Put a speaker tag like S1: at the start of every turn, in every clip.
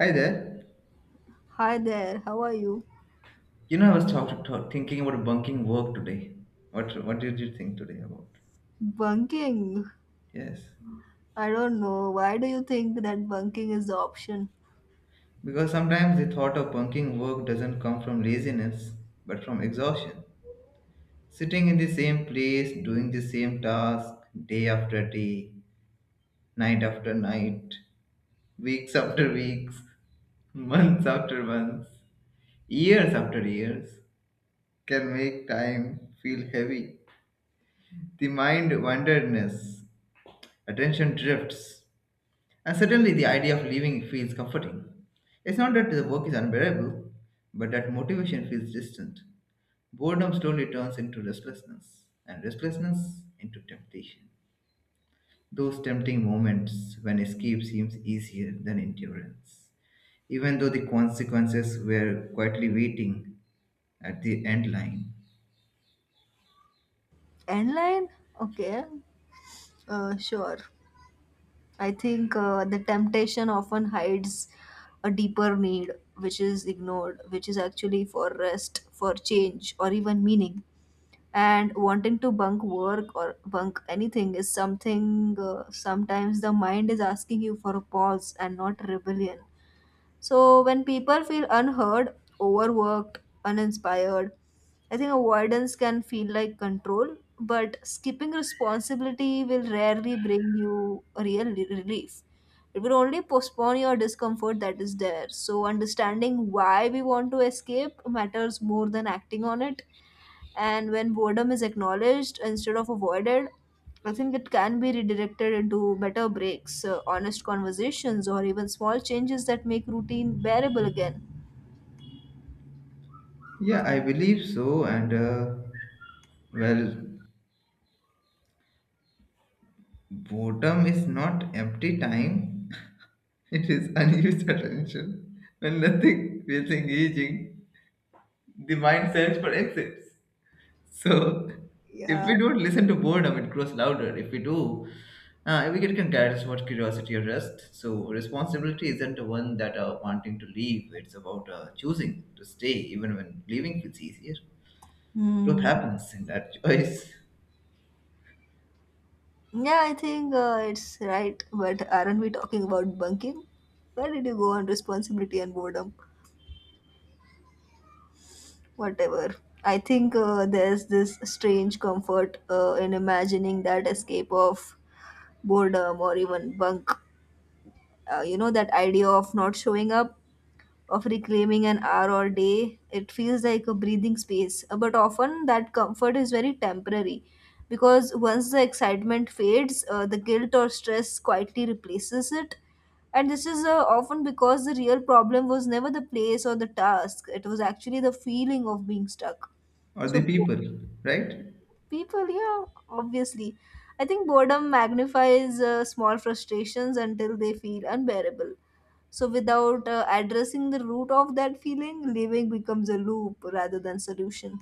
S1: Hi there.
S2: Hi there, how are you?
S1: You know, I was thinking about bunking work today. What did you think today about?
S2: Bunking?
S1: Yes,
S2: I don't know. Why do you think that bunking is the option?
S1: because sometimes the thought of bunking work doesn't come from laziness, but from exhaustion. Sitting in the same place, doing the same task day after day, night after night, weeks after weeks, months after months, years after years, can make time feel heavy. The mind wanderness, attention drifts, and certainly the idea of leaving feels comforting. It's not that the work is unbearable, but that motivation feels distant. Boredom slowly turns into restlessness, and restlessness into temptation. Those tempting moments when escape seems easier than endurance. Even though the consequences were quietly waiting at the end line.
S2: Inline? Okay, sure. I think the temptation often hides a deeper need, which is ignored, which is actually for rest, for change, or even meaning. And wanting to bunk work or bunk anything is something sometimes the mind is asking you for a pause and not rebellion. So when people feel unheard, overworked, uninspired, I think avoidance can feel like control, but skipping responsibility will rarely bring you real relief. It will only postpone your discomfort that is there. So understanding why we want to escape matters more than acting on it. And when boredom is acknowledged instead of avoided, I think it can be redirected into better breaks, honest conversations, or even small changes that make routine bearable again.
S1: Yeah, I believe so, and well, boredom is not empty time. It is unused attention. When nothing feels engaging, the mind searches for exits. So, if
S2: Yeah.
S1: we don't listen to boredom, it grows louder. If we do, we get guidance towards curiosity or rest. So, responsibility isn't one that wanting to leave. It's about choosing to stay, even when leaving feels easier. Growth
S2: Hmm.
S1: happens in that choice
S2: Yeah, I think it's right. But aren't we talking about bunking? Where did you go on responsibility and boredom? Whatever. I think there's this strange comfort in imagining that escape of boredom or even bunk. You know, that idea of not showing up, of reclaiming an hour or day. It feels like a breathing space. But often that comfort is very temporary because once the excitement fades, the guilt or stress quietly replaces it. And this is often because the real problem was never the place or the task, it was actually the feeling of being stuck.
S1: or
S2: So,
S1: the people, right?
S2: people, yeah, obviously. I think boredom magnifies small frustrations until they feel unbearable, so, without addressing the root of that feeling, living becomes a loop rather than solution.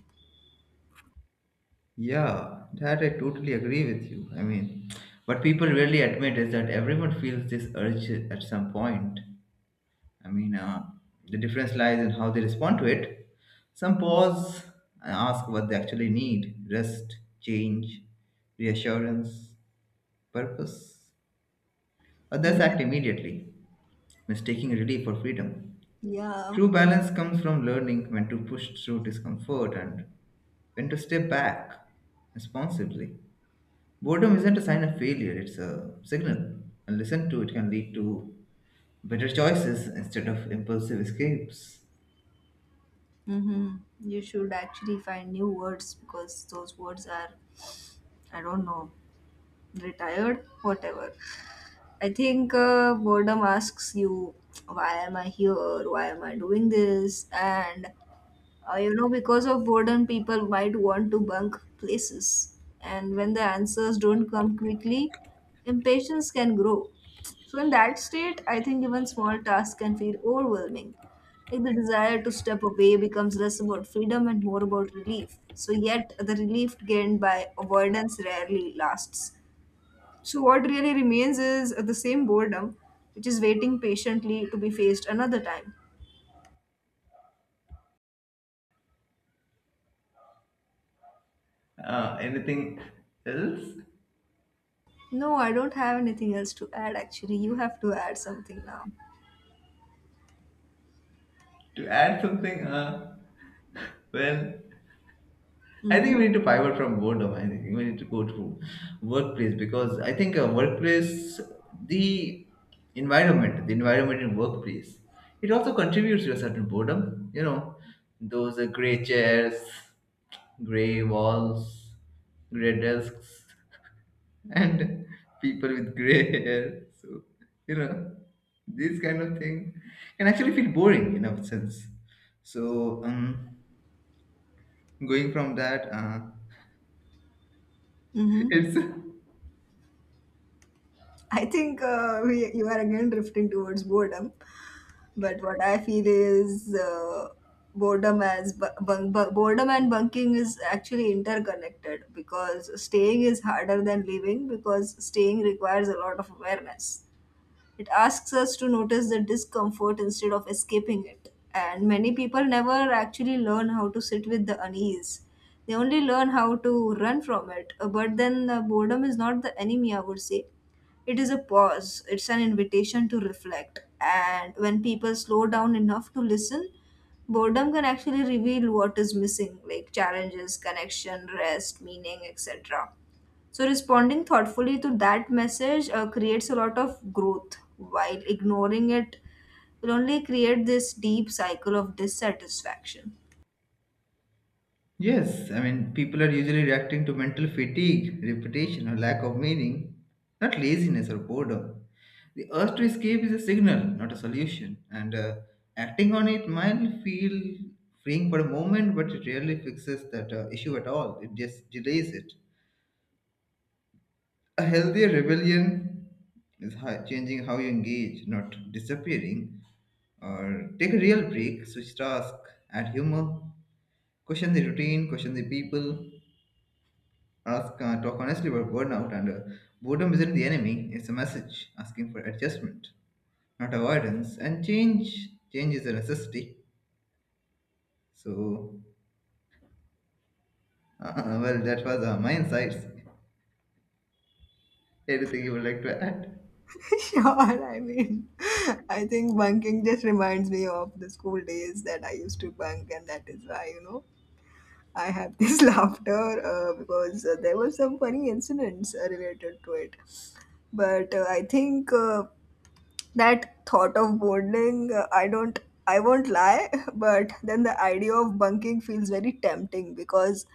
S1: Yeah, that I totally agree with you. I mean, what people really admit is that everyone feels this urge at some point. I mean, the difference lies in how they respond to it. Some pause and ask what they actually need rest, change, reassurance, purpose. Others
S2: Mm.
S1: act immediately, mistaking relief for freedom.
S2: Yeah.
S1: True balance comes from learning when to push through discomfort and when to step back responsibly. Boredom isn't a sign of failure, it's a signal. And listen to it can lead to better choices instead of impulsive escapes.
S2: Hmm. You should actually find new words because those words are, I don't know, retired, whatever. I think boredom asks you, why am I here? Why am I doing this? And you know, because of boredom, people might want to bunk places. And when the answers don't come quickly, impatience can grow. So, in that state, I think even small tasks can feel overwhelming. Like the desire to step away becomes less about freedom and more about relief. So, yet the relief gained by avoidance rarely lasts. So, what really remains is the same boredom, which is waiting patiently to be faced another time.
S1: Anything else
S2: No, I don't have anything else to add actually. You have to add something now.
S1: to add something? Well, I
S2: Mm-hmm.
S1: think we need to pivot from boredom. I think we need to go to workplace because I think workplace, the the environment in workplace, it also contributes to a certain boredom. You know, those gray chairs, gray walls, gray desks, and people with gray hair. So, you know, this kind of thing can actually feel boring in a sense. So, going from that,
S2: Mm-hmm.
S1: it's
S2: I think you are again drifting towards boredom, but what I feel is boredom as boredom and bunking is actually interconnected because staying is harder than leaving because staying requires a lot of awareness. It asks us to notice the discomfort instead of escaping it. And many people never actually learn how to sit with the unease. They only learn how to run from it. But then boredom is not the enemy, I would say. It is a pause, it's an invitation to reflect. And when people slow down enough to listen, boredom can actually reveal what is missing, like challenges, connection, rest, meaning, etc. So responding thoughtfully to that message creates a lot of growth, while ignoring it will only create this deep cycle of dissatisfaction.
S1: yes, I mean, people are usually reacting to mental fatigue, repetition, or lack of meaning, not laziness or boredom. The urge to escape is a signal, not a solution, and acting on it might feel freeing for a moment, but it rarely fixes that issue at all. It just delays it. A healthier rebellion is how, changing how you engage, not disappearing, or take a real break, switch task, add humor, question the routine, question the people, ask, talk honestly about burnout and boredom isn't the enemy, it's a message asking for adjustment, not avoidance. And change is a necessity. So, uh, well, that was my insights. Anything you would like to add?
S2: Sure, I mean, I think bunking just reminds me of the school days that I used to bunk, and that is why, you know, I have this laughter because there were some funny incidents related to it. But uh, I think, that thought of boarding I won't lie but then the idea of bunking feels very tempting because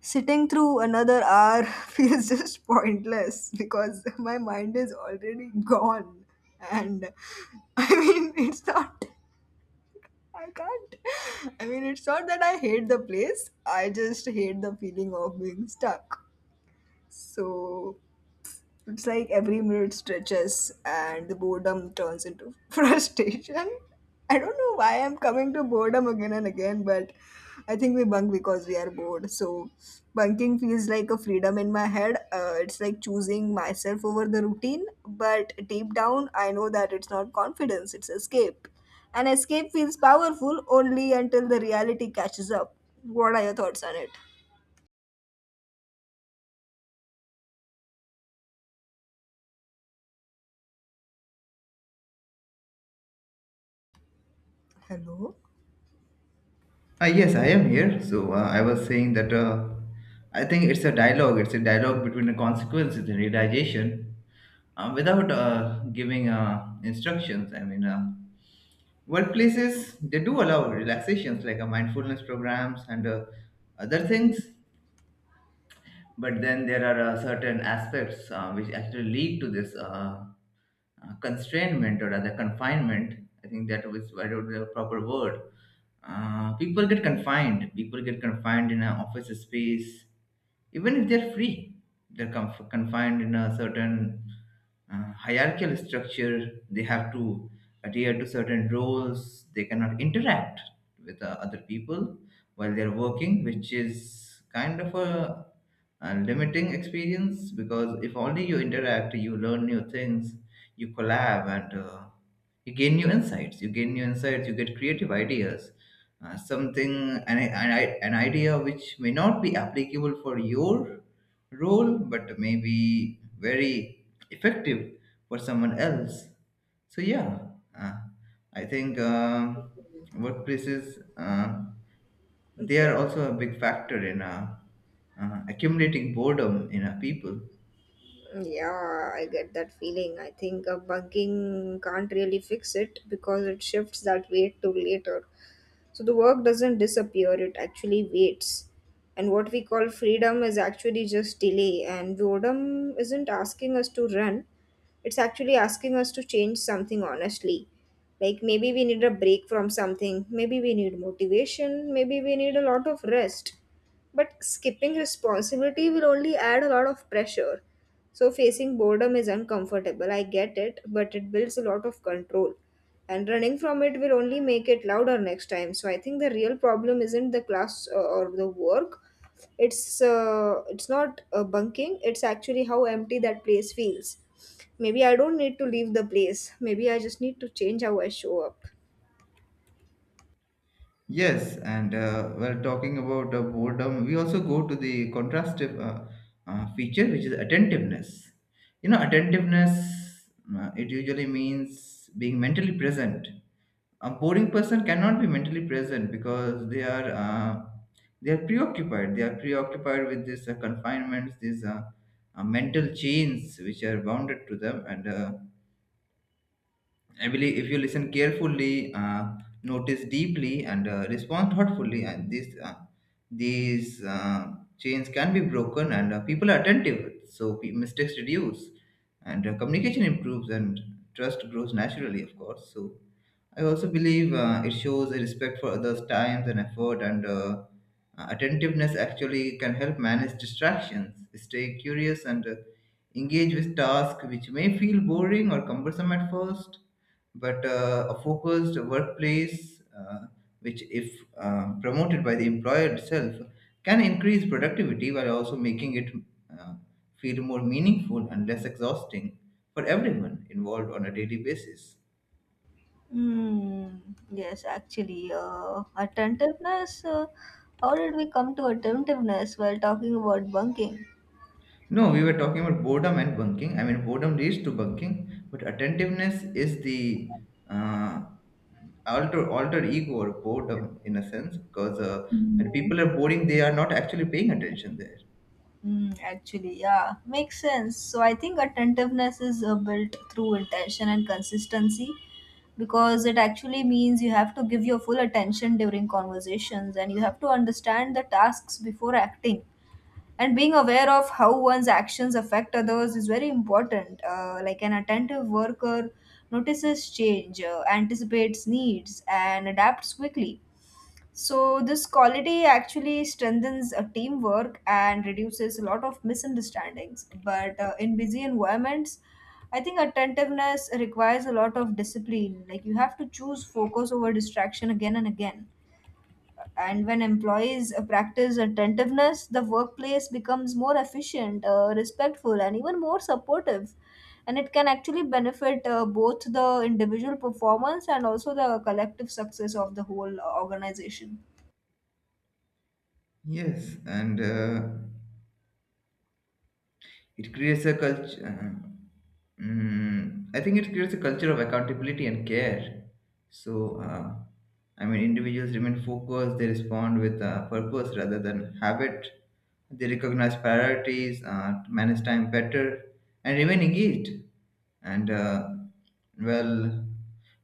S2: sitting through another hour feels just pointless because my mind is already gone and I mean it's not I can't I mean, it's not that I hate the place, I just hate the feeling of being stuck, so it's like every minute stretches and the boredom turns into frustration. I don't know why I'm coming to boredom again and again, but I think we bunk because we are bored. So bunking feels like a freedom in my head. It's like choosing myself over the routine, but deep down, I know that it's not confidence, it's escape. And escape feels powerful only until the reality catches up. What are your thoughts on it? Hello?
S1: Yes, I am here. So, I was saying that I think it's a dialogue between the consequences and realization without giving instructions. I mean, workplaces, they do allow relaxations like a mindfulness programs and other things, but then there are certain aspects which actually lead to this. Constrainment or rather confinement. I think that was I don't know the proper word. People get confined. People get confined in an office space, even if they're free. They're confined in a certain hierarchical structure. They have to adhere to certain roles. They cannot interact with other people while they're working, which is kind of a and limiting experience because if only you interact you learn new things you collab and you gain new insights you gain new insights you get creative ideas something an idea which may not be applicable for your role but may be very effective for someone else so yeah uh, I think workplaces they are
S2: Okay.
S1: also a big factor in accumulating boredom in people.
S2: Yeah, I get that feeling. I think bunking can't really fix it because it shifts that weight to later. So the work doesn't disappear, it actually waits. And what we call freedom is actually just delay, and boredom isn't asking us to run, it's actually asking us to change something honestly. Like maybe we need a break from something, maybe we need motivation, maybe we need a lot of rest. But skipping responsibility will only add a lot of pressure. So facing boredom is uncomfortable. I get it, but it builds a lot of control. And running from it will only make it louder next time. So I think the real problem isn't the class or the work. It's not bunking. It's actually how empty that place feels. Maybe I don't need to leave the place. Maybe I just need to change how I show up.
S1: Yes, and we're talking about boredom. We also go to the contrastive feature, which is attentiveness. You know, attentiveness, it usually means being mentally present. A boring person cannot be mentally present because they are preoccupied. They are preoccupied with these confinements, these mental chains which are bounded to them, and Emily, if you listen carefully, notice deeply, and respond thoughtfully, and these chains can be broken, and people are attentive, so mistakes reduce, and communication improves, and trust grows naturally, of course. So I also believe it shows a respect for others' times and effort, and attentiveness actually can help manage distractions, stay curious, and engage with tasks which may feel boring or cumbersome at first. But a focused workplace, which if promoted by the employer itself, can increase productivity while also making it uh, feel more meaningful and less exhausting for everyone involved on a daily basis.
S2: Mm, yes, actually, attentiveness. How did we come to attentiveness while talking about bunking?
S1: No, we were talking about boredom and bunking. I mean, boredom leads to bunking, but attentiveness is the uh, alter ego or boredom in a sense, because when
S2: Mm.
S1: people are boring, they are not actually paying attention there.
S2: Mm, actually, yeah, makes sense. So I think attentiveness is built through intention and consistency because it actually means you have to give your full attention during conversations and you have to understand the tasks before acting, and being aware of how one's actions affect others is very important, like an attentive worker notices change, anticipates needs and adapts quickly. So this quality actually strengthens a teamwork and reduces a lot of misunderstandings, but in busy environments, I think attentiveness requires a lot of discipline, like you have to choose focus over distraction again and again. And when employees practice attentiveness, the workplace becomes more efficient, respectful and even more supportive, and it can actually benefit both the individual performance and also the collective success of the whole organization.
S1: Yes, and it creates a culture. Mm, I think it creates a culture of accountability and care. So, I mean, individuals remain focused, they respond with purpose rather than habit, they recognize priorities, manage time better, and remain engaged. And, well,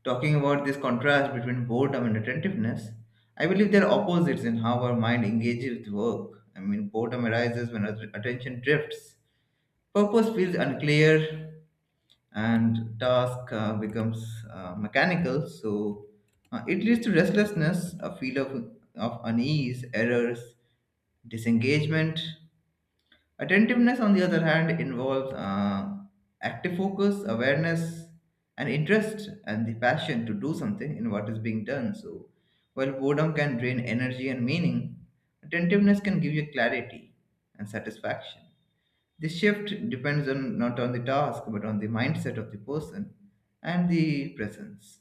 S1: talking about this contrast between boredom and attentiveness, I believe they're opposites in how our mind engages with work. I mean, boredom arises when our attention drifts purpose feels unclear and task becomes mechanical, so it leads to restlessness, of unease, errors, disengagement. Attentiveness, on the other hand, involves active focus, awareness, and interest, and the passion to do something in what is being done. So, while boredom can drain energy and meaning, attentiveness can give you clarity and satisfaction. This shift depends on not on the task but on the mindset of the person and the presence.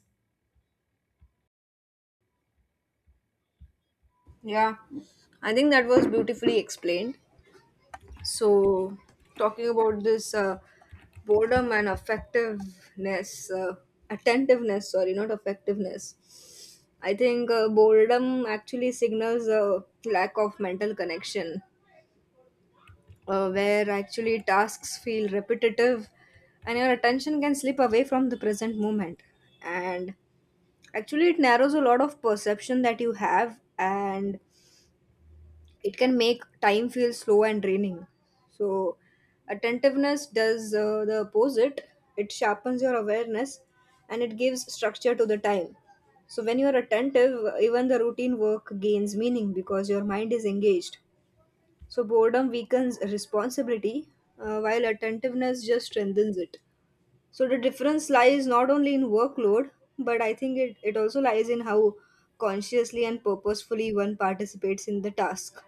S2: Yeah, I think that was beautifully explained. So, talking about this boredom and effectiveness, uh, attentiveness, sorry, not effectiveness. I think boredom actually signals a lack of mental connection, where actually tasks feel repetitive and your attention can slip away from the present moment. And actually, it narrows a lot of perception that you have, and it can make time feel slow and draining. So, attentiveness does the opposite. It sharpens your awareness and it gives structure to the time. So, when you are attentive, even the routine work gains meaning because your mind is engaged. So, boredom weakens responsibility while attentiveness just strengthens it. So, the difference lies not only in workload, but I think it also lies in how consciously and purposefully one participates in the task.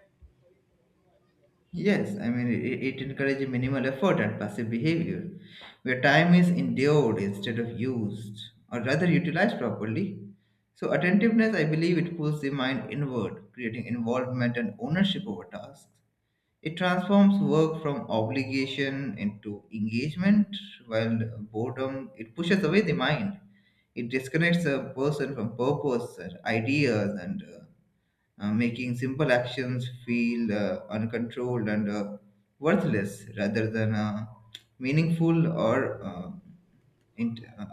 S1: Yes, I mean it encourages minimal effort and passive behavior, where time is endured instead of used, or rather utilized properly. So attentiveness, I believe, it pulls the mind inward, creating involvement and ownership over tasks. It transforms work from obligation into engagement, while boredom it pushes away the mind. It disconnects a person from purpose, and ideas, and making simple actions feel uncontrolled and worthless rather than meaningful or int- uh,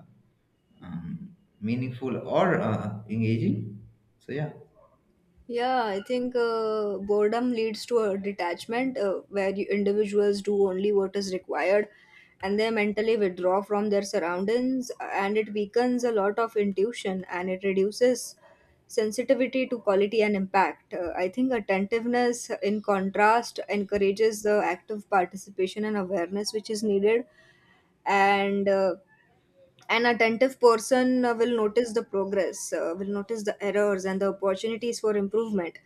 S1: meaningful or engaging. So yeah.
S2: Yeah, I think boredom leads to a detachment where you, individuals do only what is required, and they mentally withdraw from their surroundings, and it weakens a lot of intuition and it reduces sensitivity to quality and impact. I think attentiveness, in contrast, encourages the active participation and awareness which is needed, and an attentive person will notice the progress, will notice the errors and the opportunities for improvement.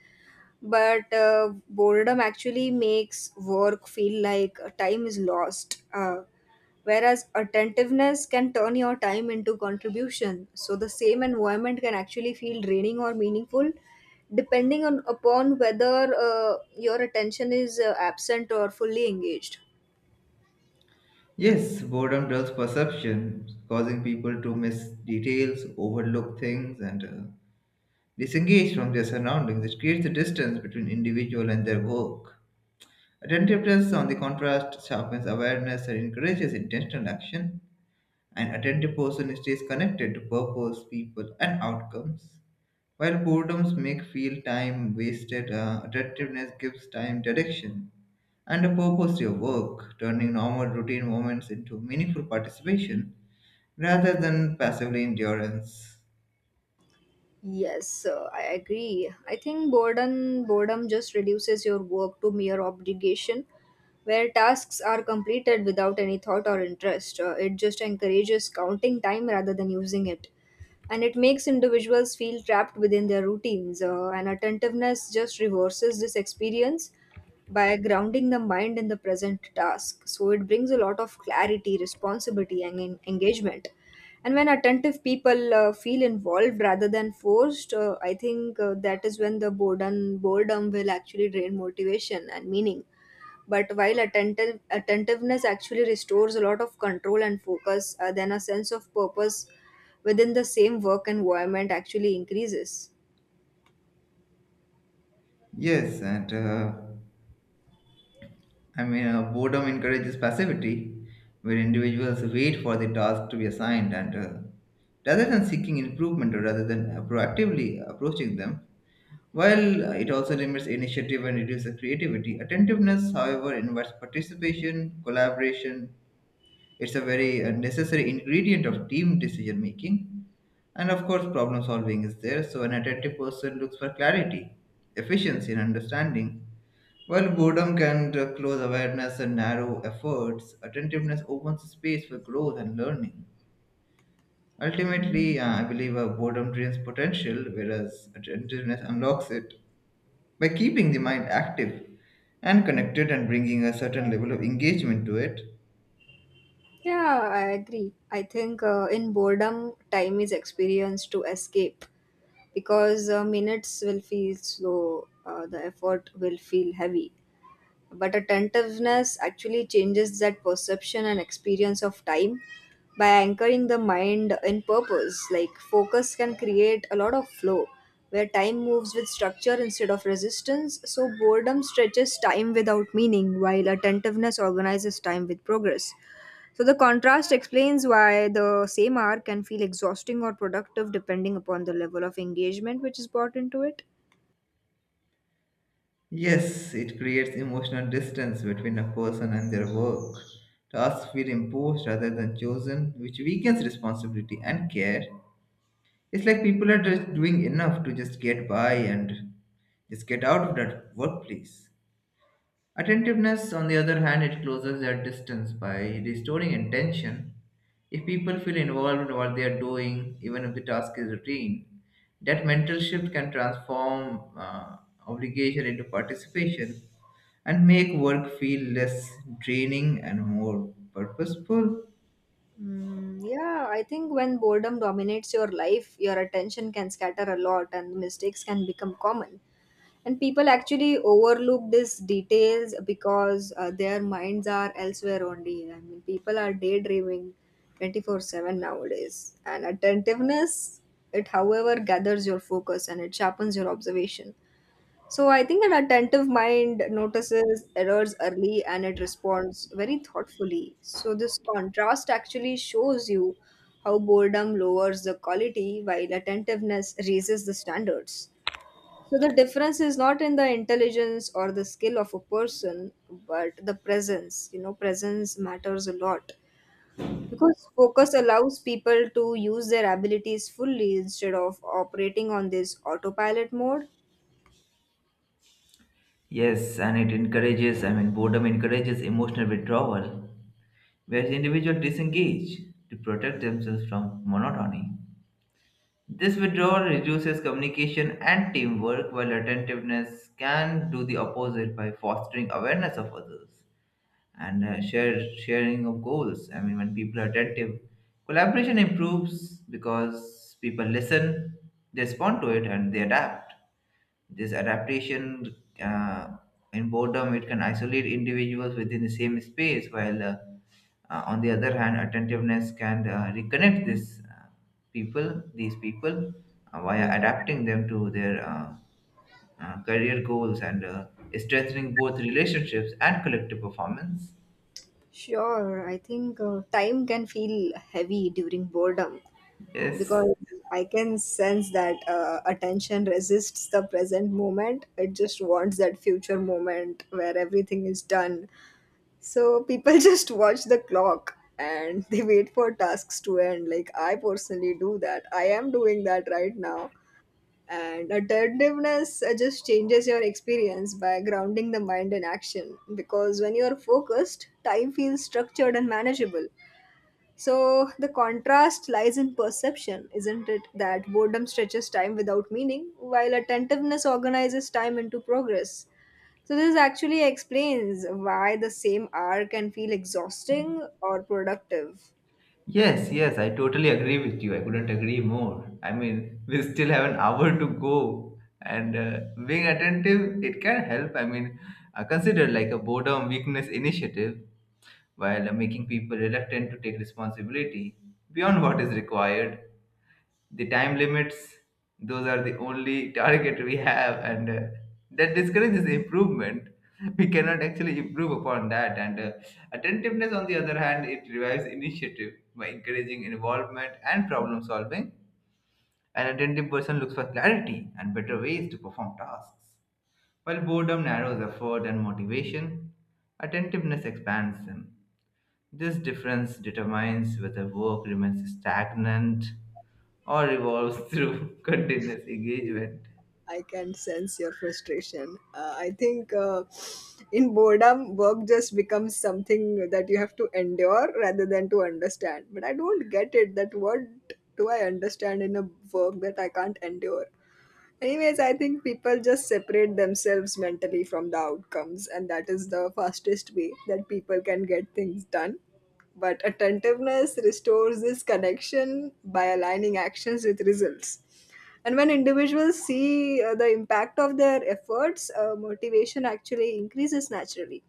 S2: But boredom actually makes work feel like time is lost, whereas attentiveness can turn your time into contribution. So the same environment can actually feel draining or meaningful depending on upon whether your attention is absent or fully engaged.
S1: Yes, boredom dulls perception, causing people to miss details, overlook things, and disengage from their surroundings. It creates a distance between individual and their work. Attentiveness, on the contrast, sharpens awareness and encourages intentional action. An attentive person stays connected to purpose, people, and outcomes. While boredoms make feel time wasted, attentiveness gives time direction and a purpose to your work, turning normal routine moments into meaningful participation rather than passively endurance.
S2: Yes, I agree. I think boredom just reduces your work to mere obligation, where tasks are completed without any thought or interest. It just encourages counting time rather than using it, and it makes individuals feel trapped within their routines. And attentiveness just reverses this experience by grounding the mind in the present task. So it brings a lot of clarity, responsibility, and engagement. And when attentive people feel involved rather than forced, I think that is when the boredom will actually drain motivation and meaning. But while attentiveness actually restores a lot of control and focus, then a sense of purpose within the same work environment actually increases.
S1: Yes, and I mean, boredom encourages passivity, where individuals wait for the task to be assigned and rather than seeking improvement or rather than proactively approaching them. While it also limits initiative and reduces creativity, attentiveness, however, invites participation, collaboration. It's a very necessary ingredient of team decision making and of course, problem solving is there, so an attentive person looks for clarity, efficiency, and understanding. While boredom can close awareness and narrow efforts, attentiveness opens space for growth and learning.
S2: Mm.
S1: Ultimately, I believe boredom drains potential, whereas attentiveness unlocks it by keeping the mind active and connected and bringing a certain level of engagement to it.
S2: Yeah, I agree. I think in boredom, time is experienced to escape because minutes will feel slow, the effort will feel heavy. But attentiveness actually changes that perception and experience of time by anchoring the mind in purpose. Like focus can create a lot of flow where time moves with structure instead of resistance. So boredom stretches time without meaning while attentiveness organizes time with progress. So the contrast explains why the same hour can feel exhausting or productive depending upon the level of engagement which is brought into it.
S1: Yes, it creates emotional distance between a person and their work. Tasks feel imposed rather than chosen, which weakens responsibility and care. It's like people are just doing enough to just get by and just get out of that workplace. Attentiveness, on the other hand, it closes that distance by restoring intention. If people feel involved in what they are doing, even if the task is routine, that mental shift can transform obligation into participation and make work feel less draining and more purposeful.
S2: Mm, yeah, I think when boredom dominates your life, your attention can scatter a lot and mistakes can become common. And people actually overlook these details because their minds are elsewhere only. I mean, people are daydreaming 24/7 nowadays. And attentiveness, it however gathers your focus and it sharpens your observation. So I think an attentive mind notices errors early and it responds very thoughtfully. So this contrast actually shows you how boredom lowers the quality while attentiveness raises the standards. So the difference is not in the intelligence or the skill of a person, but the presence. You know, presence matters a lot because focus allows people to use their abilities fully instead of operating on this autopilot mode.
S1: Yes, and it encourages, I mean, boredom encourages emotional withdrawal, where the individual disengage to protect themselves from monotony. This withdrawal reduces communication and teamwork, while attentiveness can do the opposite by fostering awareness of others and sharing of goals. I mean, when people are attentive, collaboration improves because people listen, they respond to it, and they adapt. This adaptation uh, in boredom it can isolate individuals within the same space, while on the other hand, attentiveness can reconnect these people, via adapting them to their career goals and strengthening both relationships and collective performance.
S2: Sure, I think time can feel heavy during boredom
S1: Yes.
S2: because I can sense that attention resists the present moment. It just wants that future moment where everything is done. So people just watch the clock and they wait for tasks to end. Like I personally do that. I am doing that right now, and attentiveness just changes your experience by grounding the mind in action because when you are focused, time feels structured and manageable. So the contrast lies in perception, isn't it? That boredom stretches time without meaning, while attentiveness organizes time into progress. So this actually explains why the same hour can feel exhausting or productive.
S1: Yes, yes, I totally agree with you. I couldn't agree more. I mean, we still have an hour to go, and being attentive, it can help. I mean, consider like a boredom weakness initiative while making people reluctant to take responsibility beyond what is required the time limits those are the only target we have and that discourages improvement we cannot actually improve upon that and attentiveness on the other hand it revives initiative by encouraging involvement and problem solving an attentive person looks for clarity and better ways to perform tasks while boredom narrows effort and motivation attentiveness expands them this difference determines whether work remains stagnant or evolves through continuous engagement.
S2: I can sense your frustration. I think in boredom, work just becomes something that you have to endure rather than to understand. But I don't get it that what do I understand in a work that I can't endure? Anyways, I think people just separate themselves mentally from the outcomes, and that is the fastest way that people can get things done. But attentiveness restores this connection by aligning actions with results. And when individuals see the impact of their efforts, motivation actually increases naturally.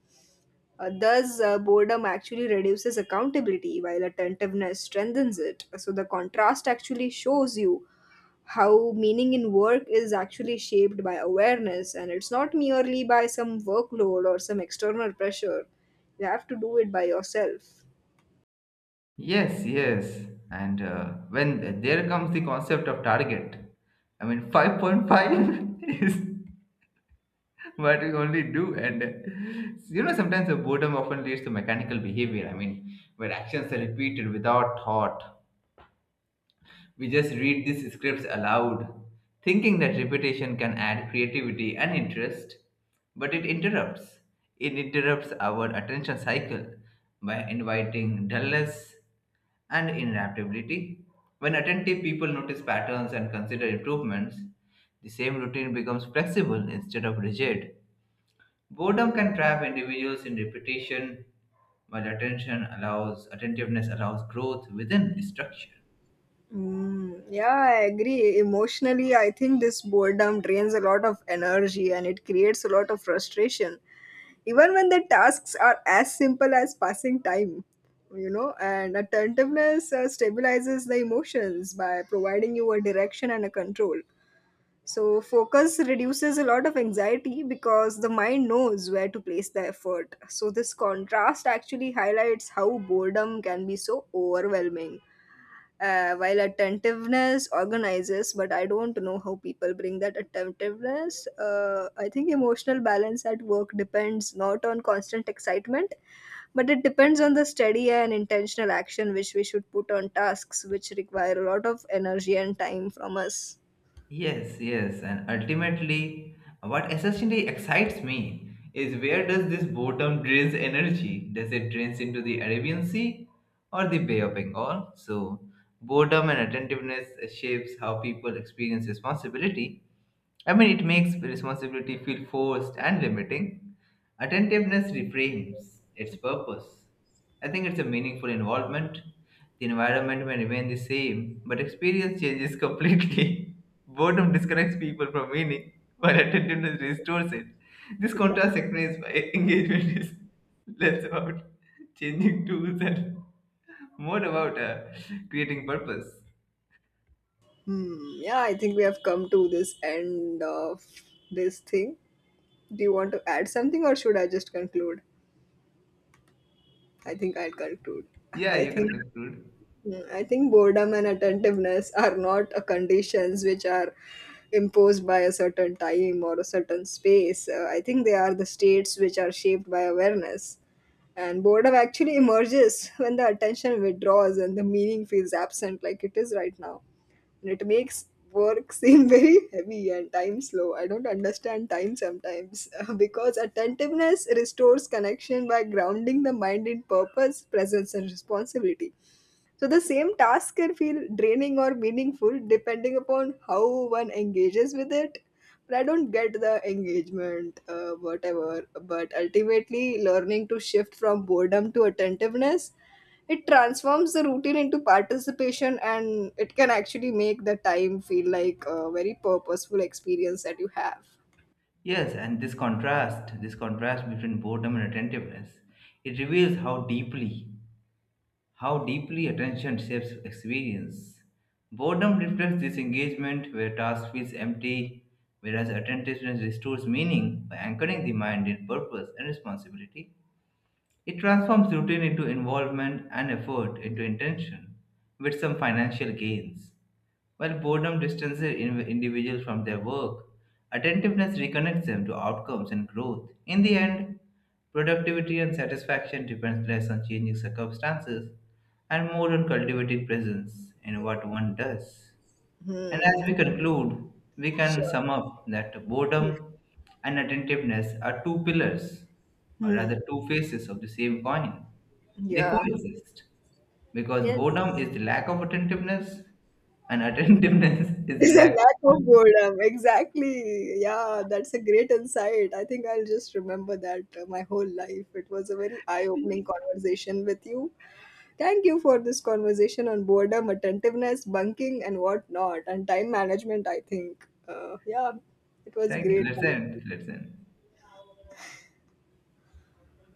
S2: Thus, boredom actually reduces accountability while attentiveness strengthens it. So, the contrast actually shows you how meaning in work is actually shaped by awareness and it's not merely by some workload or some external pressure. You have to do it by yourself.
S1: Yes, yes. And when there comes the concept of target, I mean, 5.5 is what we only do. And you know, sometimes the boredom often leads to mechanical behavior. I mean, where actions are repeated without thought we just read these scripts aloud, thinking that repetition can add creativity and interest, but it interrupts. It interrupts our attention cycle by inviting dullness and inadaptability. When attentive people notice patterns and consider improvements, the same routine becomes flexible instead of rigid. Boredom can trap individuals in repetition, while attention allows attentiveness allows growth within structure.
S2: Mm, yeah, I agree. Emotionally, I think this boredom drains a lot of energy and it creates a lot of frustration, even when the tasks are as simple as passing time. You know, and attentiveness stabilizes the emotions by providing you a direction and a control. So, focus reduces a lot of anxiety because the mind knows where to place the effort. So, this contrast actually highlights how boredom can be so overwhelming, while attentiveness organizes. But I don't know how people bring that attentiveness. I think emotional balance at work depends not on constant excitement, but it depends on the steady and intentional action which we should put on tasks which require a lot of energy and time from us.
S1: Yes, yes, and ultimately, what essentially excites me is where does this boredom drains energy? Does it drains into the Arabian Sea or the Bay of Bengal? So, boredom and attentiveness shapes how people experience responsibility I mean, it makes responsibility feel forced and limiting. Attentiveness reframes its purpose. I think it's a meaningful involvement. The environment may remain the same, but experience changes completely. Boredom disconnects people from meaning, while attentiveness restores it. This contrast explains why engagement is less about changing tools and more about creating purpose.
S2: Hmm. Yeah, I think we have come to this end of this thing. Do you want to add something, or should I just conclude? I think I'll conclude.
S1: Yeah,
S2: I
S1: you
S2: think.
S1: can conclude.
S2: Mm, I think boredom and attentiveness are not a conditions which are imposed by a certain time or a certain space. I think they are the states which are shaped by awareness. And boredom actually emerges when the attention withdraws and the meaning feels absent, like it is right now. And it makes work seem very heavy and time slow. I don't understand time sometimes because attentiveness restores connection by grounding the mind in purpose, presence, and responsibility. So the same task can feel draining or meaningful depending upon how one engages with it. But I don't get the engagement, whatever. But ultimately, learning to shift from boredom to attentiveness, it transforms the routine into participation, and it can actually make the time feel like a very purposeful experience that you have.
S1: Yes, and this contrast between boredom and attentiveness, it reveals how deeply attention shapes experience. Boredom reflects disengagement where task feels empty, whereas attentiveness restores meaning by anchoring the mind in purpose and responsibility. It transforms routine into involvement and effort into intention with some financial gains. While boredom distances individuals from their work, attentiveness reconnects them to outcomes and growth. In the end, productivity and satisfaction depends less on changing circumstances and more on cultivating presence in what one does. And as
S2: Hmm.
S1: we conclude, we can
S2: Sure.
S1: sum up that boredom and attentiveness are two pillars, or
S2: Hmm.
S1: rather, two faces of the same coin. They
S2: Yeah.
S1: coexist because boredom is the lack of attentiveness and attentiveness is the
S2: It's a
S1: lack
S2: lack
S1: of
S2: of boredom. Exactly. Yeah, that's a great insight. I think I'll just remember that my whole life. It was a very eye opening conversation with you. Thank you for this conversation on boredom, attentiveness, bunking, and whatnot, and time management, I think. Yeah, it was
S1: thank you
S2: great.
S1: let's end, let's end.